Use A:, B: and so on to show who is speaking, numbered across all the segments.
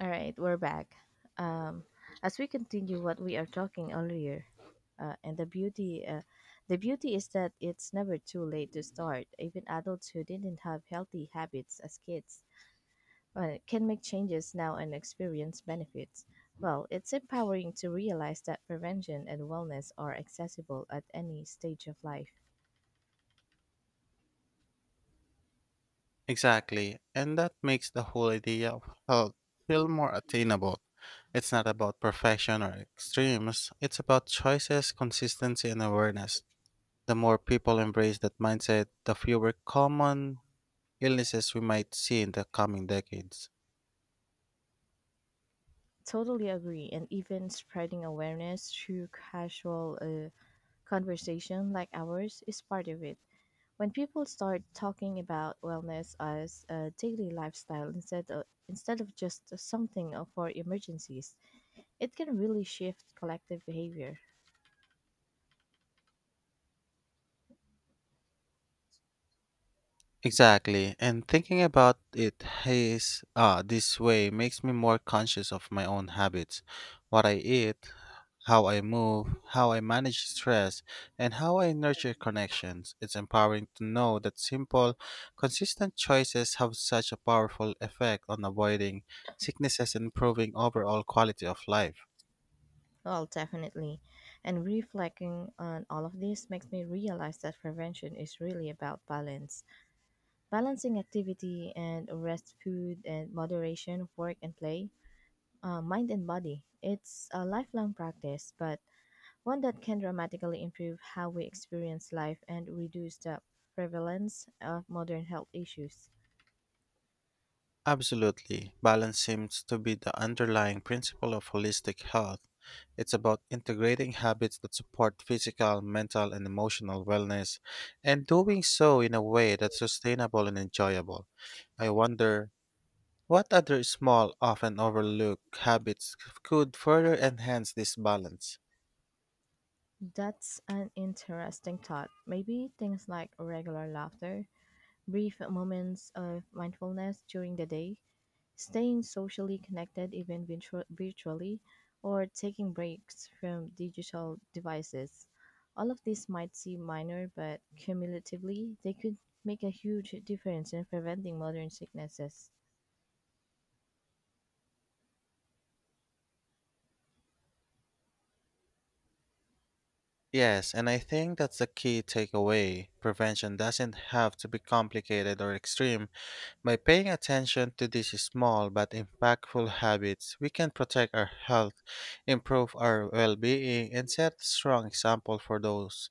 A: All right, we're back. Um, as we continue what we are talking earlier, uh, and the beauty, uh, the beauty is that it's never too late to start. Even adults who didn't have healthy habits as kids can make changes now and experience benefits. Well, it's empowering to realize that prevention and wellness are accessible at any stage of life.
B: Exactly. And that makes the whole idea of health feel more attainable. It's not about perfection or extremes, it's about choices, consistency, and awareness. The more people embrace that mindset, the fewer common illnesses we might see in the coming decades.
A: Totally agree, and even spreading awareness through casual conversation like ours is part of it. When people start talking about wellness as a daily lifestyle instead of just something for emergencies, it can really shift collective behavior.
B: Exactly. And thinking about it this way makes me more conscious of my own habits, what I eat, how I move, how I manage stress, and how I nurture connections. It's empowering to know that simple, consistent choices have such a powerful effect on avoiding sicknesses and improving overall quality of life.
A: Well, definitely. And reflecting on all of this makes me realize that prevention is really about balance. Balancing activity and rest, food and moderation, work and play, mind and body. It's a lifelong practice, but one that can dramatically improve how we experience life and reduce the prevalence of modern health issues.
B: Absolutely. Balance seems to be the underlying principle of holistic health. It's about integrating habits that support physical, mental, and emotional wellness, and doing so in a way that's sustainable and enjoyable. I wonder what other small, often overlooked habits could further enhance this balance.
A: That's an interesting thought. Maybe things like regular laughter, brief moments of mindfulness during the day, staying socially connected even virtually, or taking breaks from digital devices. All of these might seem minor, but cumulatively, they could make a huge difference in preventing modern sicknesses.
B: Yes, and I think that's the key takeaway. Prevention doesn't have to be complicated or extreme. By paying attention to these small but impactful habits, we can protect our health, improve our well-being, and set a strong example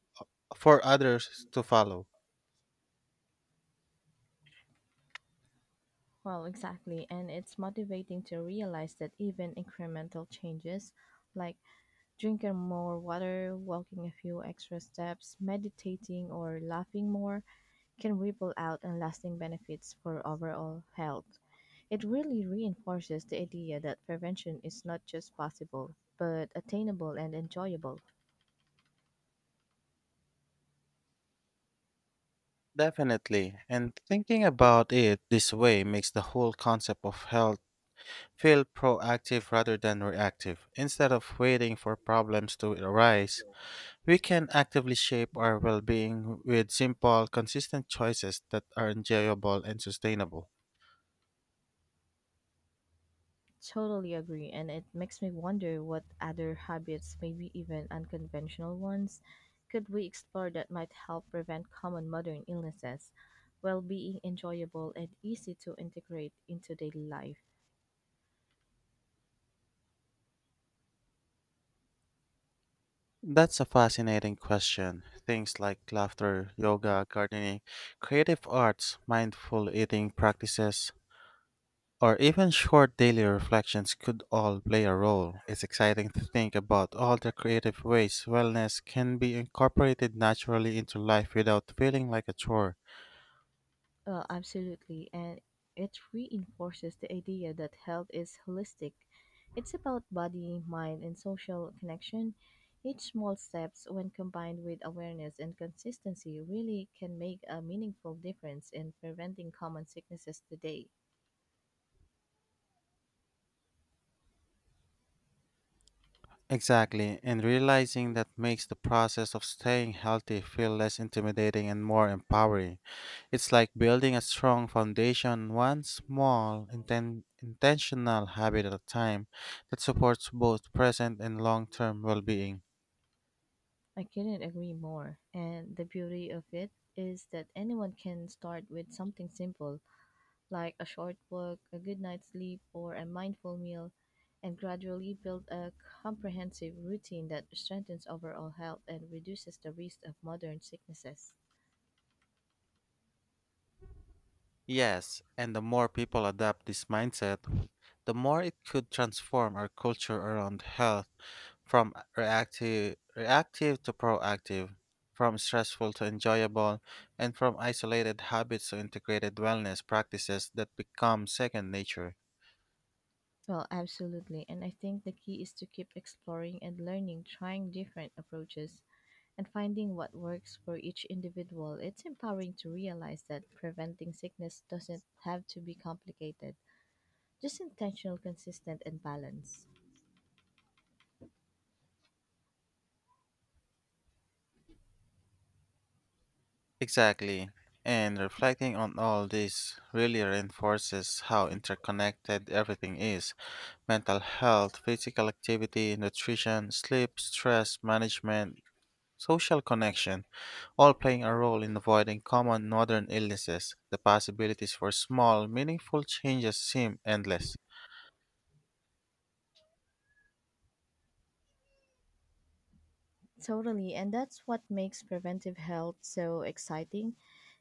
B: for others to follow.
A: Well, exactly. And it's motivating to realize that even incremental changes like drinking more water, walking a few extra steps, meditating, or laughing more can ripple out and lasting benefits for overall health. It really reinforces the idea that prevention is not just possible, but attainable and enjoyable.
B: Definitely. And thinking about it this way makes the whole concept of health feel proactive rather than reactive. Instead of waiting for problems to arise, we can actively shape our well being with simple, consistent choices that are enjoyable and sustainable.
A: Totally agree, and it makes me wonder what other habits, maybe even unconventional ones, could we explore that might help prevent common modern illnesses while being enjoyable and easy to integrate into daily life.
B: That's a fascinating question. Things like laughter, yoga, gardening, creative arts, mindful eating practices, or even short daily reflections could all play a role. It's exciting to think about all the creative ways wellness can be incorporated naturally into life without feeling like a chore.
A: Well, absolutely, and it reinforces the idea that health is holistic. It's about body, mind, and social connection. Each small steps, when combined with awareness and consistency, really can make a meaningful difference in preventing common sicknesses today.
B: Exactly, and realizing that makes the process of staying healthy feel less intimidating and more empowering. It's like building a strong foundation, one small, intentional habit at a time that supports both present and long term well being.
A: I couldn't agree more. And the beauty of it is that anyone can start with something simple like a short walk, a good night's sleep, or a mindful meal, and gradually build a comprehensive routine that strengthens overall health and reduces the risk of modern sicknesses.
B: Yes, and the more people adopt this mindset, the more it could transform our culture around health from reactive to proactive, from stressful to enjoyable, and from isolated habits to integrated wellness practices that become second nature.
A: Well, absolutely. And I think the key is to keep exploring and learning, trying different approaches and finding what works for each individual. It's empowering to realize that preventing sickness doesn't have to be complicated, just intentional, consistent, and balanced.
B: Exactly. And reflecting on all this really reinforces how interconnected everything is: mental health, physical activity, nutrition, sleep, stress management, social connection, all playing a role in avoiding common northern illnesses. The possibilities for small, meaningful changes seem endless.
A: Totally, and that's what makes preventive health so exciting.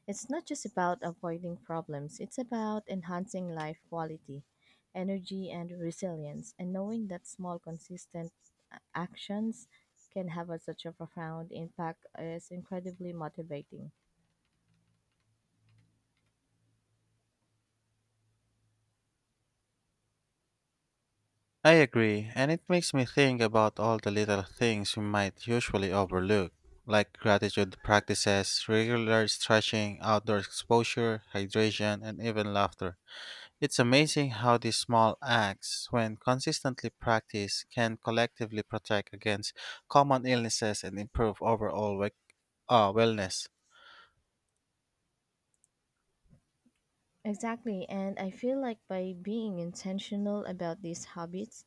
A: It's not just about avoiding problems, it's about enhancing life quality, energy, and resilience, and knowing that small, consistent actions can have such a profound impact is incredibly motivating.
B: I agree, and it makes me think about all the little things we might usually overlook, like gratitude practices, regular stretching, outdoor exposure, hydration, and even laughter. It's amazing how these small acts, when consistently practiced, can collectively protect against common illnesses and improve overall wellness.
A: Exactly, and I feel like by being intentional about these habits,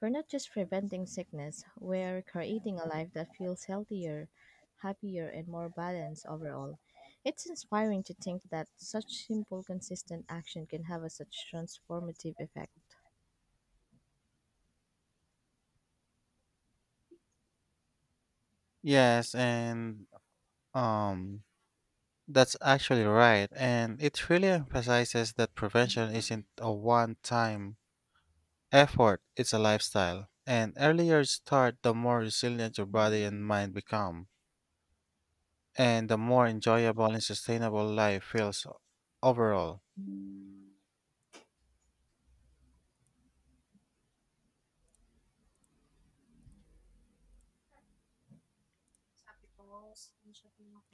A: we're not just preventing sickness, we're creating a life that feels healthier, happier, and more balanced overall. It's inspiring to think that such simple, consistent action can have a such transformative effect.
B: Yes, and um, that's actually right. And it really emphasizes that prevention isn't a one time effort, it's a lifestyle. And earlier you start, the more resilient your body and mind become, and the more enjoyable and sustainable life feels overall.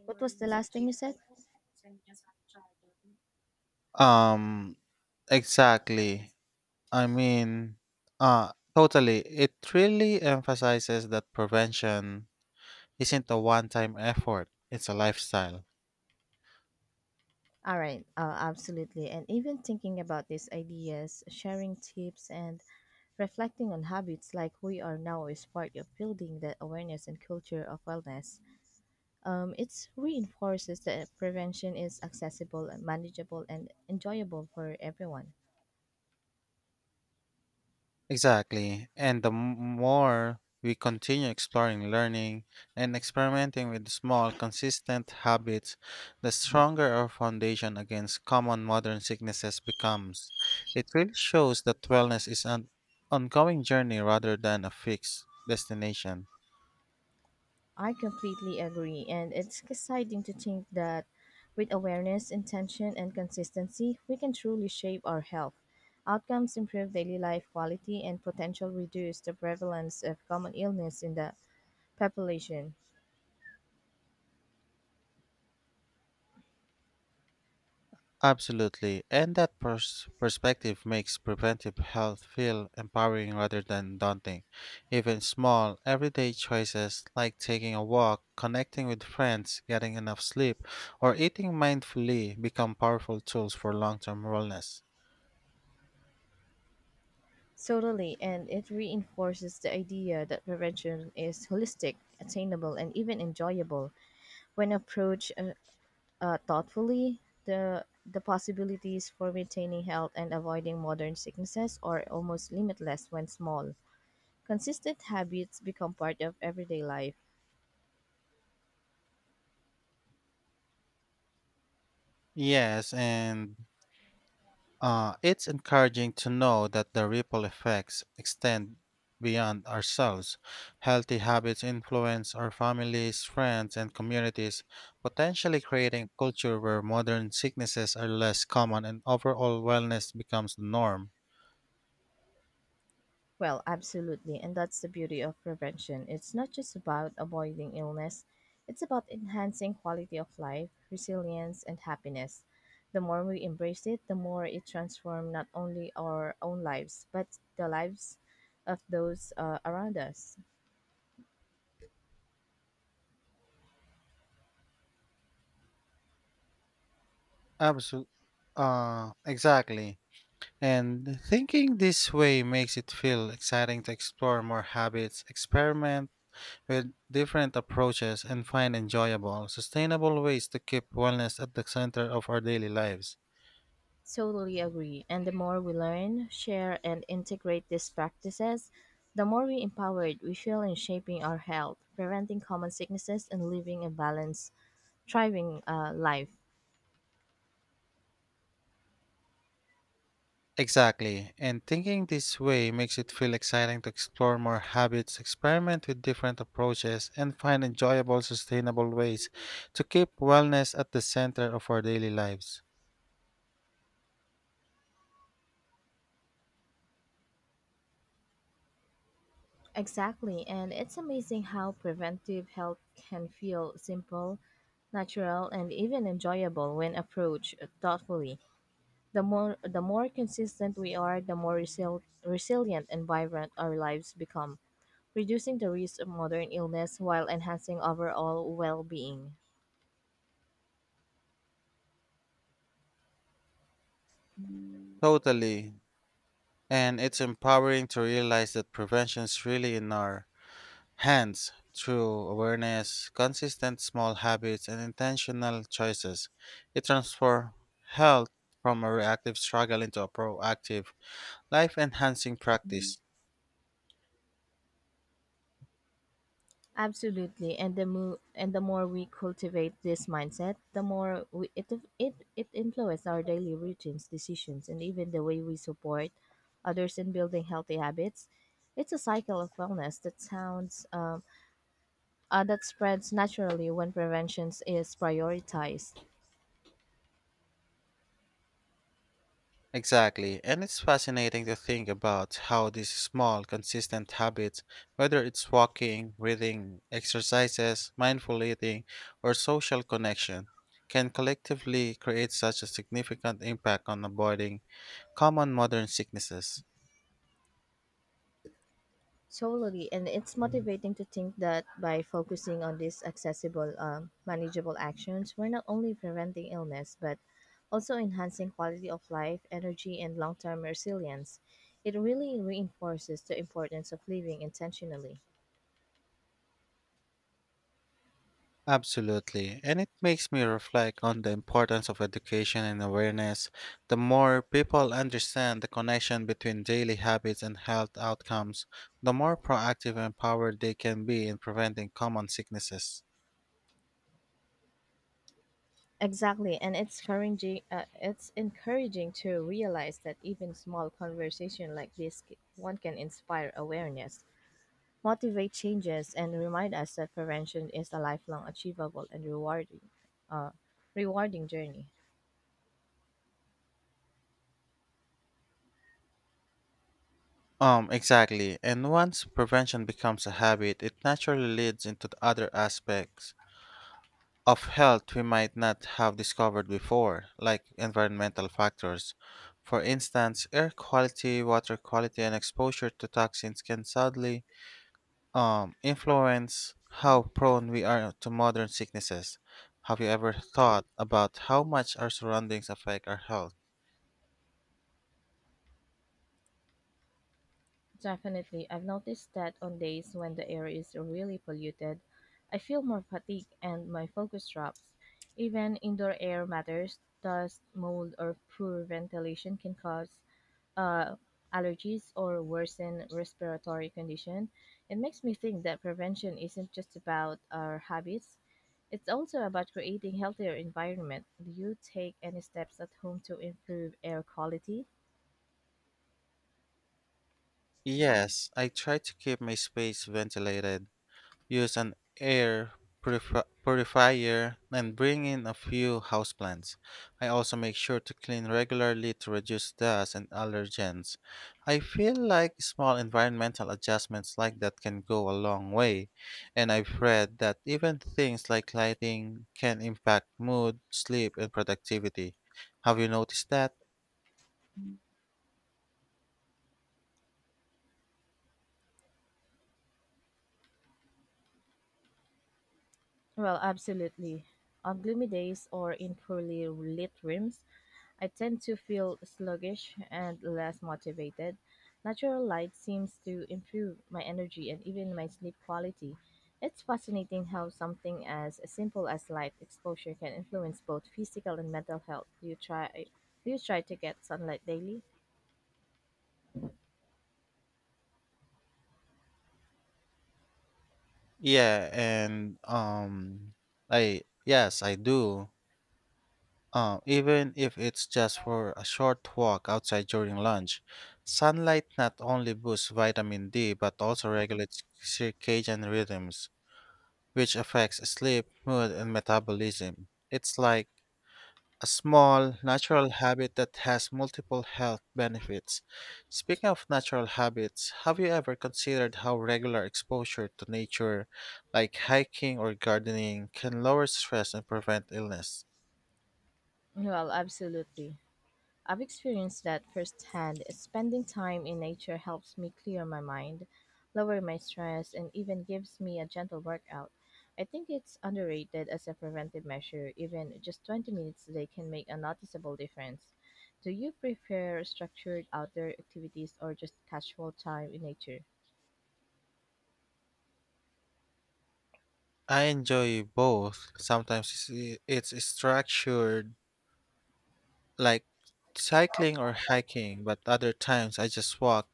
A: What was the last thing you said?
B: Um, Exactly. I mean, Totally. It really emphasizes that prevention isn't a one time effort, it's a lifestyle.
A: All right, absolutely. And even thinking about these ideas, sharing tips, and reflecting on habits like we are now is part of building that awareness and culture of wellness. It reinforces that prevention is accessible, and manageable, and enjoyable for everyone.
B: Exactly. And more we continue exploring, learning, and experimenting with small, consistent habits, the stronger our foundation against common modern sicknesses becomes. It really shows that wellness is an ongoing journey rather than a fixed destination.
A: I completely agree, and it's exciting to think that with awareness, intention, and consistency, we can truly shape our health. Outcomes improve daily life quality and potential reduce the prevalence of common illness in the population.
B: Absolutely, and that perspective makes preventive health feel empowering rather than daunting. Even small, everyday choices like taking a walk, connecting with friends, getting enough sleep, or eating mindfully become powerful tools for long term wellness.
A: Totally, and it reinforces the idea that prevention is holistic, attainable, and even enjoyable. When approached thoughtfully, the possibilities for maintaining health and avoiding modern sicknesses are almost limitless when small. Consistent habits become part of everyday life.
B: Yes, and it's encouraging to know that the ripple effects extend beyond ourselves. Healthy habits influence our families, friends, and communities, potentially creating a culture where modern sicknesses are less common and overall wellness becomes the norm.
A: Well, absolutely. And that's the beauty of prevention. It's not just about avoiding illness, it's about enhancing quality of life, resilience, and happiness. The more we embrace it, the more it transforms not only our own lives, but the lives of those around us.
B: Absolutely. Exactly. And thinking this way makes it feel exciting to explore more habits, experiment, with different approaches and find enjoyable, sustainable ways to keep wellness at the center of our daily lives.
A: Totally agree. And the more we learn, share, and integrate these practices, the more we empowered we feel in shaping our health, preventing common sicknesses, and living a balanced, thriving life.
B: Exactly, and thinking this way makes it feel exciting to explore more habits, experiment with different approaches, and find enjoyable, sustainable ways to keep wellness at the center of our daily lives.
A: Exactly, and it's amazing how preventive health can feel simple, natural, and even enjoyable when approached thoughtfully. The more consistent we are, the more resilient and vibrant our lives become, reducing the risk of modern illness while enhancing overall well-being.
B: Totally, and it's empowering to realize that prevention is really in our hence, through awareness, consistent small habits, and intentional choices, it transforms health from a reactive struggle into a proactive, life enhancing practice.
A: Absolutely, and the more we cultivate this mindset, the more we, it influences our daily routines, decisions, and even the way we support others in building healthy habits. It's a cycle of wellness that sounds that spreads naturally when prevention is prioritized.
B: Exactly, and it's fascinating to think about how these small, consistent habits, whether it's walking, breathing, exercises, mindful eating, or social connection, can collectively create such a significant impact on avoiding common modern sicknesses.
A: Totally, and it's motivating to think that by focusing on these accessible, manageable actions, we're not only preventing illness but also enhancing quality of life, energy, and long term resilience. It really reinforces the importance of living intentionally.
B: Absolutely. And it makes me reflect on the importance of education and awareness. The more people understand the connection between daily habits and health outcomes, the more proactive and empowered they can be in preventing common sicknesses.
A: Exactly, and it's encouraging. It's encouraging to realize that even small conversation like this, one can inspire awareness, motivate changes and remind us that prevention is a lifelong achievable and uh, rewarding journey.
B: Exactly. And once prevention becomes a habit, it naturally leads into the other aspects of health we might not have discovered before, like environmental factors. For instance, air quality, water quality, and exposure to toxins can sadly influence how prone we are to modern sicknesses. Have you ever thought about how much our surroundings affect our health?
A: Definitely, I've noticed that on days when the air is really polluted I feel more fatigue and my focus drops even indoor air matters dust mold or poor ventilation can cause uh, allergies or worsen respiratory condition. It makes me think that prevention isn't just about our habits. It's also about creating healthier environment. Do you take any steps at home to improve air quality?
B: Yes, I try to keep my space ventilated, use an air purifier and bring in a few houseplants. I also make sure to clean regularly to reduce dust and allergens. I feel like small environmental adjustments like that can go a long way, and I've read that even things like lighting can impact mood, sleep, and productivity. Have you noticed that?
A: Well, absolutely. On gloomy days or in poorly lit rooms, I tend to feel sluggish and less motivated. Natural light seems to improve my energy and even my sleep quality. It's fascinating how something as simple as light exposure can influence both physical and mental health. Do you try to get sunlight daily?
B: Yeah, and I Yes, I do. Even if it's just for a short walk outside during lunch, sunlight not only boosts vitamin D but also regulates circadian rhythms, which affects sleep, mood, and metabolism. It's like a small natural habit that has multiple health benefits. Speaking of natural habits, have you ever considered how regular exposure to nature, like hiking or gardening, can lower stress and prevent illness?
A: Well, absolutely. I've experienced that firsthand. Spending time in nature helps me clear my mind, lower my stress, and even gives me a gentle workout. I think it's underrated as a preventive measure. Even just 20 minutes a day can make a noticeable difference. Do you prefer structured outdoor activities or just casual time in nature?
B: I enjoy both. Sometimes it's structured, like cycling or hiking, but other times I just walk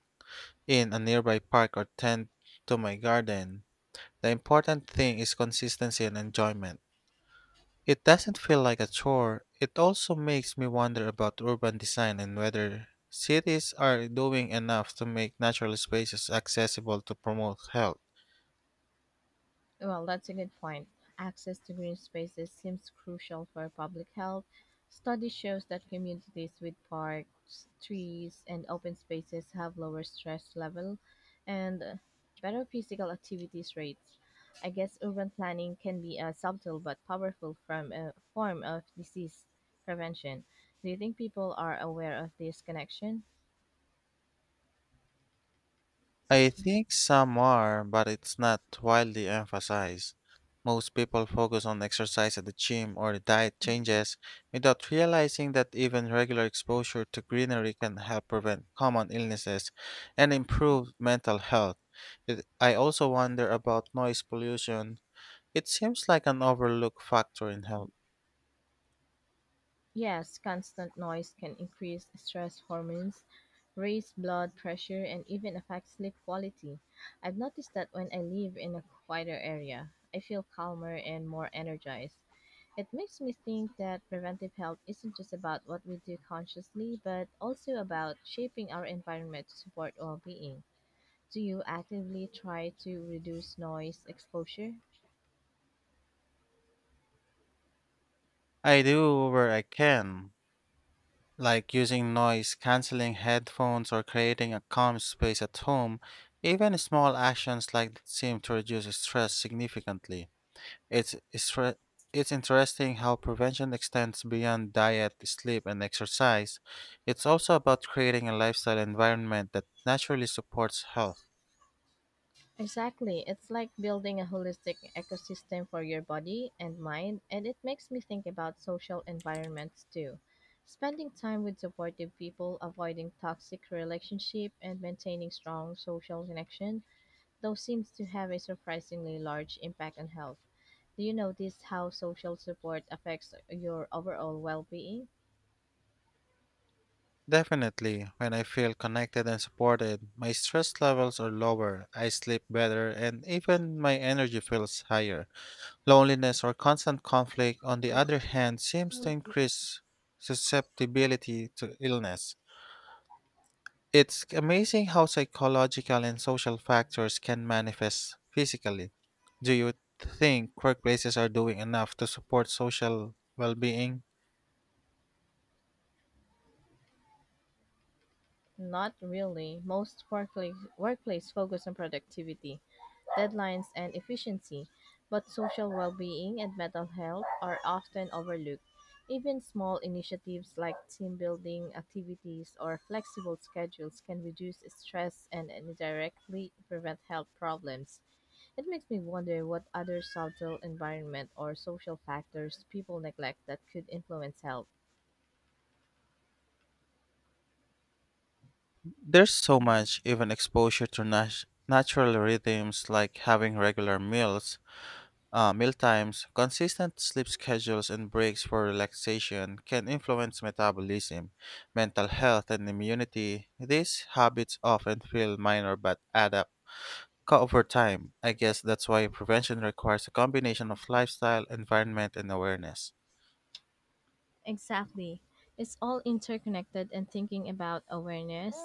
B: in a nearby park or tend to my garden. The important thing is consistency and enjoyment. It doesn't feel like a chore. It also makes me wonder about urban design and whether cities are doing enough to make natural spaces accessible to promote health.
A: Well, that's a good point. Access to green spaces seems crucial for public health. Study shows that communities with parks, trees, and open spaces have lower stress level and better physical activities rates. I guess urban planning can be a subtle but powerful from a form of disease prevention. Do you think people are aware of this connection?
B: I think some are, but it's not widely emphasized. Most people focus on exercise at the gym or diet changes without realizing that even regular exposure to greenery can help prevent common illnesses and improve mental health. I also wonder about noise pollution. It seems like an overlooked factor in health.
A: Yes, constant noise can increase stress hormones, raise blood pressure, and even affect sleep quality. I've noticed that when I live in a quieter area, I feel calmer and more energized. It makes me think that preventive health isn't just about what we do consciously, but also about shaping our environment to support well being. Do you actively try to reduce noise exposure?
B: I do where I can, like using noise canceling headphones or creating a calm space at home, even small actions like that seem to reduce stress significantly. It's, stre- it's interesting how prevention extends beyond diet, sleep, and exercise. It's also about creating a lifestyle environment that naturally supports health.
A: Exactly. It's like building a holistic ecosystem for your body and mind, and it makes me think about social environments too. Spending time with supportive people, avoiding toxic relationship, and maintaining strong social connection, though seems to have a surprisingly large impact on health. Do you notice how social support affects your overall well-being?
B: Definitely, when I feel connected and supported, my stress levels are lower, I sleep better, and even my energy feels higher. Loneliness or constant conflict, on the other hand, seems to increase susceptibility to illness. It's amazing how psychological and social factors can manifest physically. Do you think workplaces are doing enough to support social well being?
A: Not really. Most workplace focus on productivity deadlines, and efficiency, but social well being and mental health are often overlooked. Even small initiatives like team building activities or flexible schedules can reduce stress and indirectly prevent health problems. It makes me wonder what other subtle environment or social factors people neglect that could influence health.
B: There's so much, even exposure to natural rhythms like having regular meals, meal times, consistent sleep schedules, and breaks for relaxation can influence metabolism, mental health, and immunity. These habits often feel minor but add up over time. I guess that's why prevention requires a combination of lifestyle, environment, and awareness.
A: Exactly. It's all interconnected and thinking about awareness.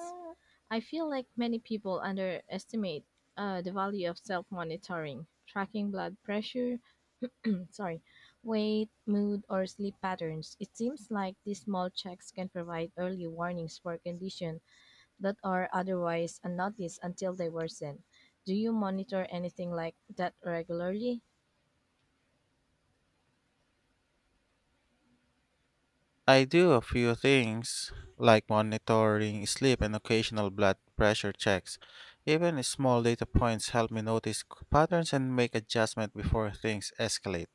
A: I feel like many people underestimate the value of self monitoring, tracking blood pressure, sorry, weight, mood, or sleep patterns. It seems like these small checks can provide early warnings for conditions that are otherwise unnoticed until they worsen. Do you monitor anything like that regularly?
B: I do a few things like monitoring sleep and occasional blood pressure checks. Even small data points help me notice patterns and make adjustment before things escalate.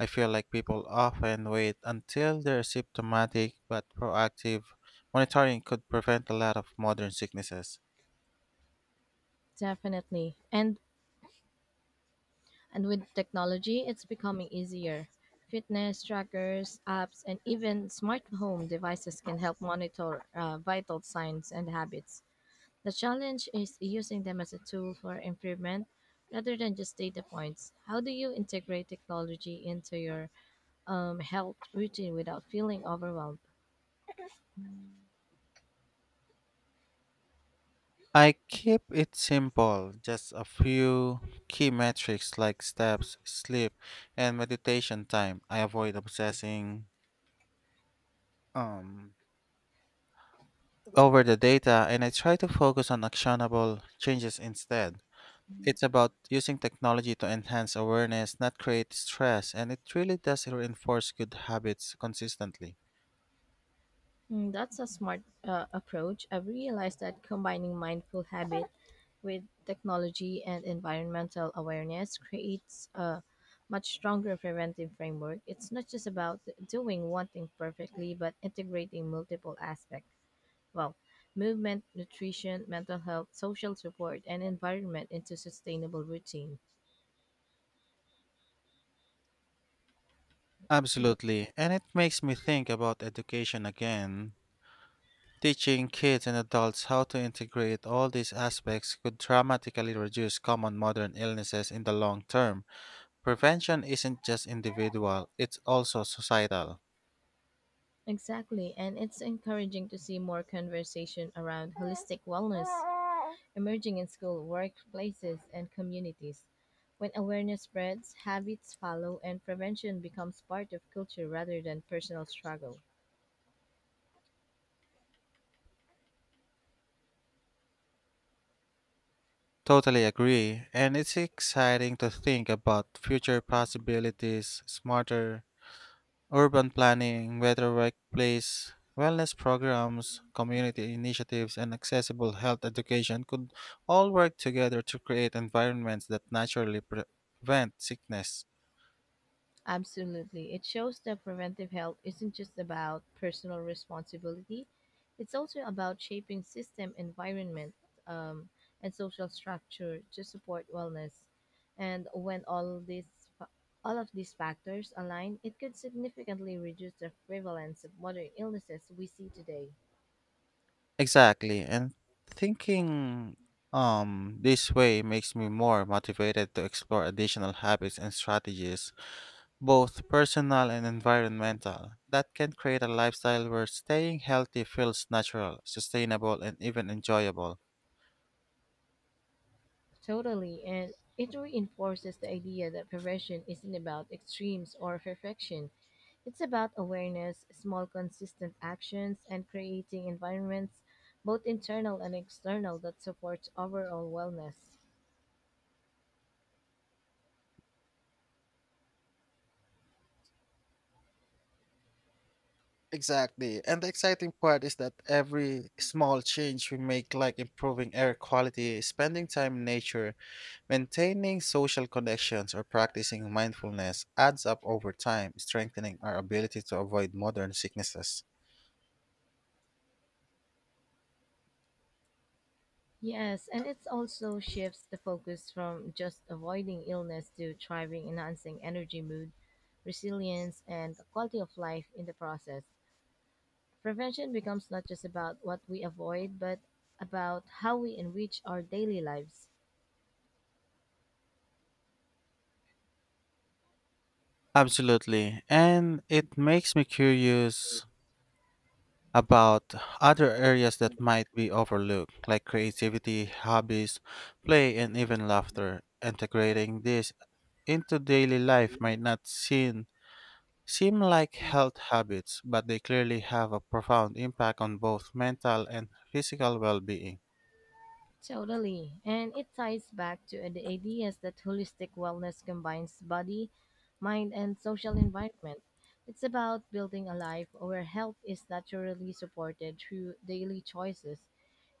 B: I feel like people often wait until they're symptomatic, but proactive monitoring could prevent a lot of modern sicknesses.
A: Definitely. And with technology, it's becoming easier. Fitness trackers, apps, and even smart home devices can help monitor vital signs and habits. The challenge is using them as a tool for improvement rather than just data points. How do you integrate technology into your health routine without feeling overwhelmed?
B: I keep it simple, just a few key metrics like steps, sleep, and meditation time. I avoid obsessing um over the data and I try to focus on actionable changes instead. It's about using technology to enhance awareness, not create stress, and it really does reinforce good habits consistently.
A: Mm, that's a smart approach. I've realized that combining mindful habit with technology and environmental awareness creates a much stronger preventive framework. It's not just about doing one thing perfectly, but integrating multiple aspects. Well, movement, nutrition, mental health, social support, and environment into sustainable routines.
B: Absolutely, and it makes me think about education again. Teaching kids and adults how to integrate all these aspects could dramatically reduce common modern illnesses in the long term. Prevention isn't just individual, it's also societal.
A: Exactly, and it's encouraging to see more conversation around holistic wellness emerging in school, workplaces, and communities. When awareness spreads, habits follow, and prevention becomes part of culture rather than personal struggle.
B: Totally agree. And it's exciting to think about future possibilities: smarter urban planning, better workplace wellness programs, community initiatives, and accessible health education could all work together to create environments that prevent sickness.
A: Absolutely. It shows that preventive health isn't just about personal responsibility, it's also about shaping system, environment, um, and social structure to support wellness. And when all these fa- all of these factors align, it could significantly reduce the prevalence of modern illnesses we see today.
B: Exactly. And thinking this way makes me more motivated to explore additional habits and strategies, both personal and environmental, that can create a lifestyle where staying healthy feels natural, sustainable, and even enjoyable.
A: Totally, and it reinforces the idea that prevention isn't about extremes or perfection. It's about awareness, small consistent actions, and creating environments, both internal and external, that support overall wellness.
B: Exactly. And the exciting part is that every small change we make, like improving air quality, spending time in nature, maintaining social connections, or practicing mindfulness, adds up over time, strengthening our ability to avoid modern sicknesses.
A: Yes, and it also shifts the focus from just avoiding illness to thriving, enhancing energy, mood, resilience, and the quality of life in the process. Prevention becomes not just about what we avoid, but about how we enrich our daily lives.
B: Absolutely. And it makes me curious about other areas that might be overlooked, like creativity, hobbies, play, and even laughter. Integrating this into daily life might not seem, seem like health habits, but they clearly have a profound impact on both mental and physical well being.
A: Totally. And it ties back to the ideas that holistic wellness combines body, mind, and social environment. It's about building a life where health is naturally supported through daily choices,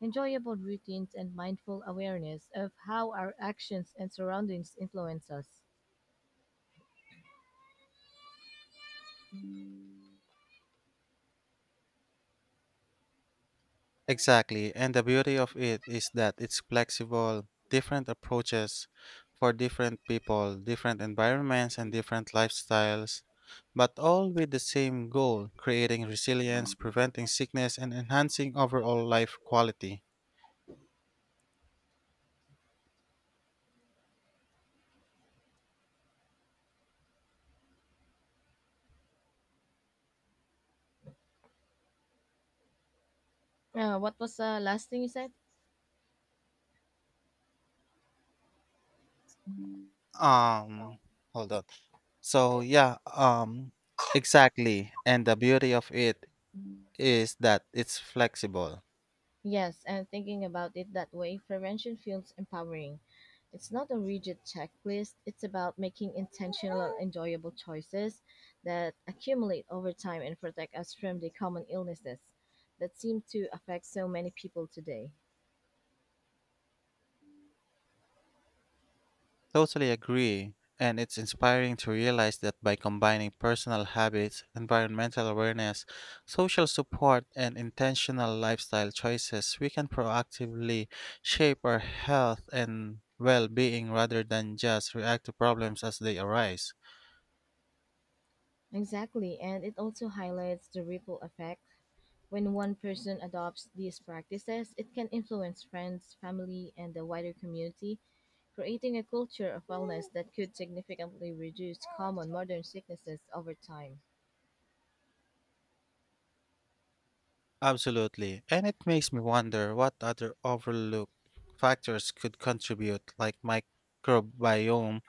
A: enjoyable routines, and mindful awareness of how our actions and surroundings influence us.
B: Exactly, and the beauty of it is that it's flexible: different approaches for different people, different environments, and different lifestyles, but all with the same goal: creating resilience, preventing sickness, and enhancing overall life quality.
A: What was the last thing you said?
B: Um, Hold on. So, yeah, um, exactly, and the beauty of it is that it's flexible.
A: Yes, and thinking about it that way, prevention feels empowering. It's not a rigid checklist, it's about making intentional, enjoyable choices that accumulate over time and protect us from the common illnesses that seem to affect so many people today.
B: Totally agree. And it's inspiring to realize that by combining personal habits, environmental awareness, social support, and intentional lifestyle choices, we can proactively shape our health and well being rather than just react to problems as they arise.
A: Exactly, and it also highlights the ripple effect. When one person adopts these practices, it can influence friends, family, and the wider community, creating a culture of wellness that could significantly reduce common modern sicknesses over time.
B: Absolutely. And it makes me wonder what other overlooked factors could contribute, like microbiome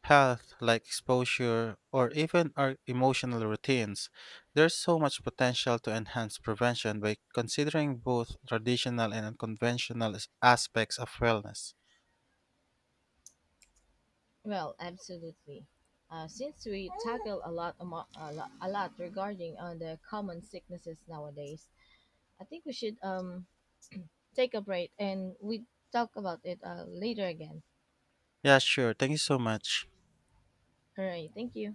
B: health, like exposure, or even our emotional routines. There's so much potential to enhance prevention by considering both traditional and unconventional aspects of wellness.
A: Well, absolutely. Since we tackle a lot, amo- a lot regarding on the common sicknesses nowadays, I think we should take a break and we talk about it later again.
B: Yeah, sure. Thank you so much.
A: All right, thank you.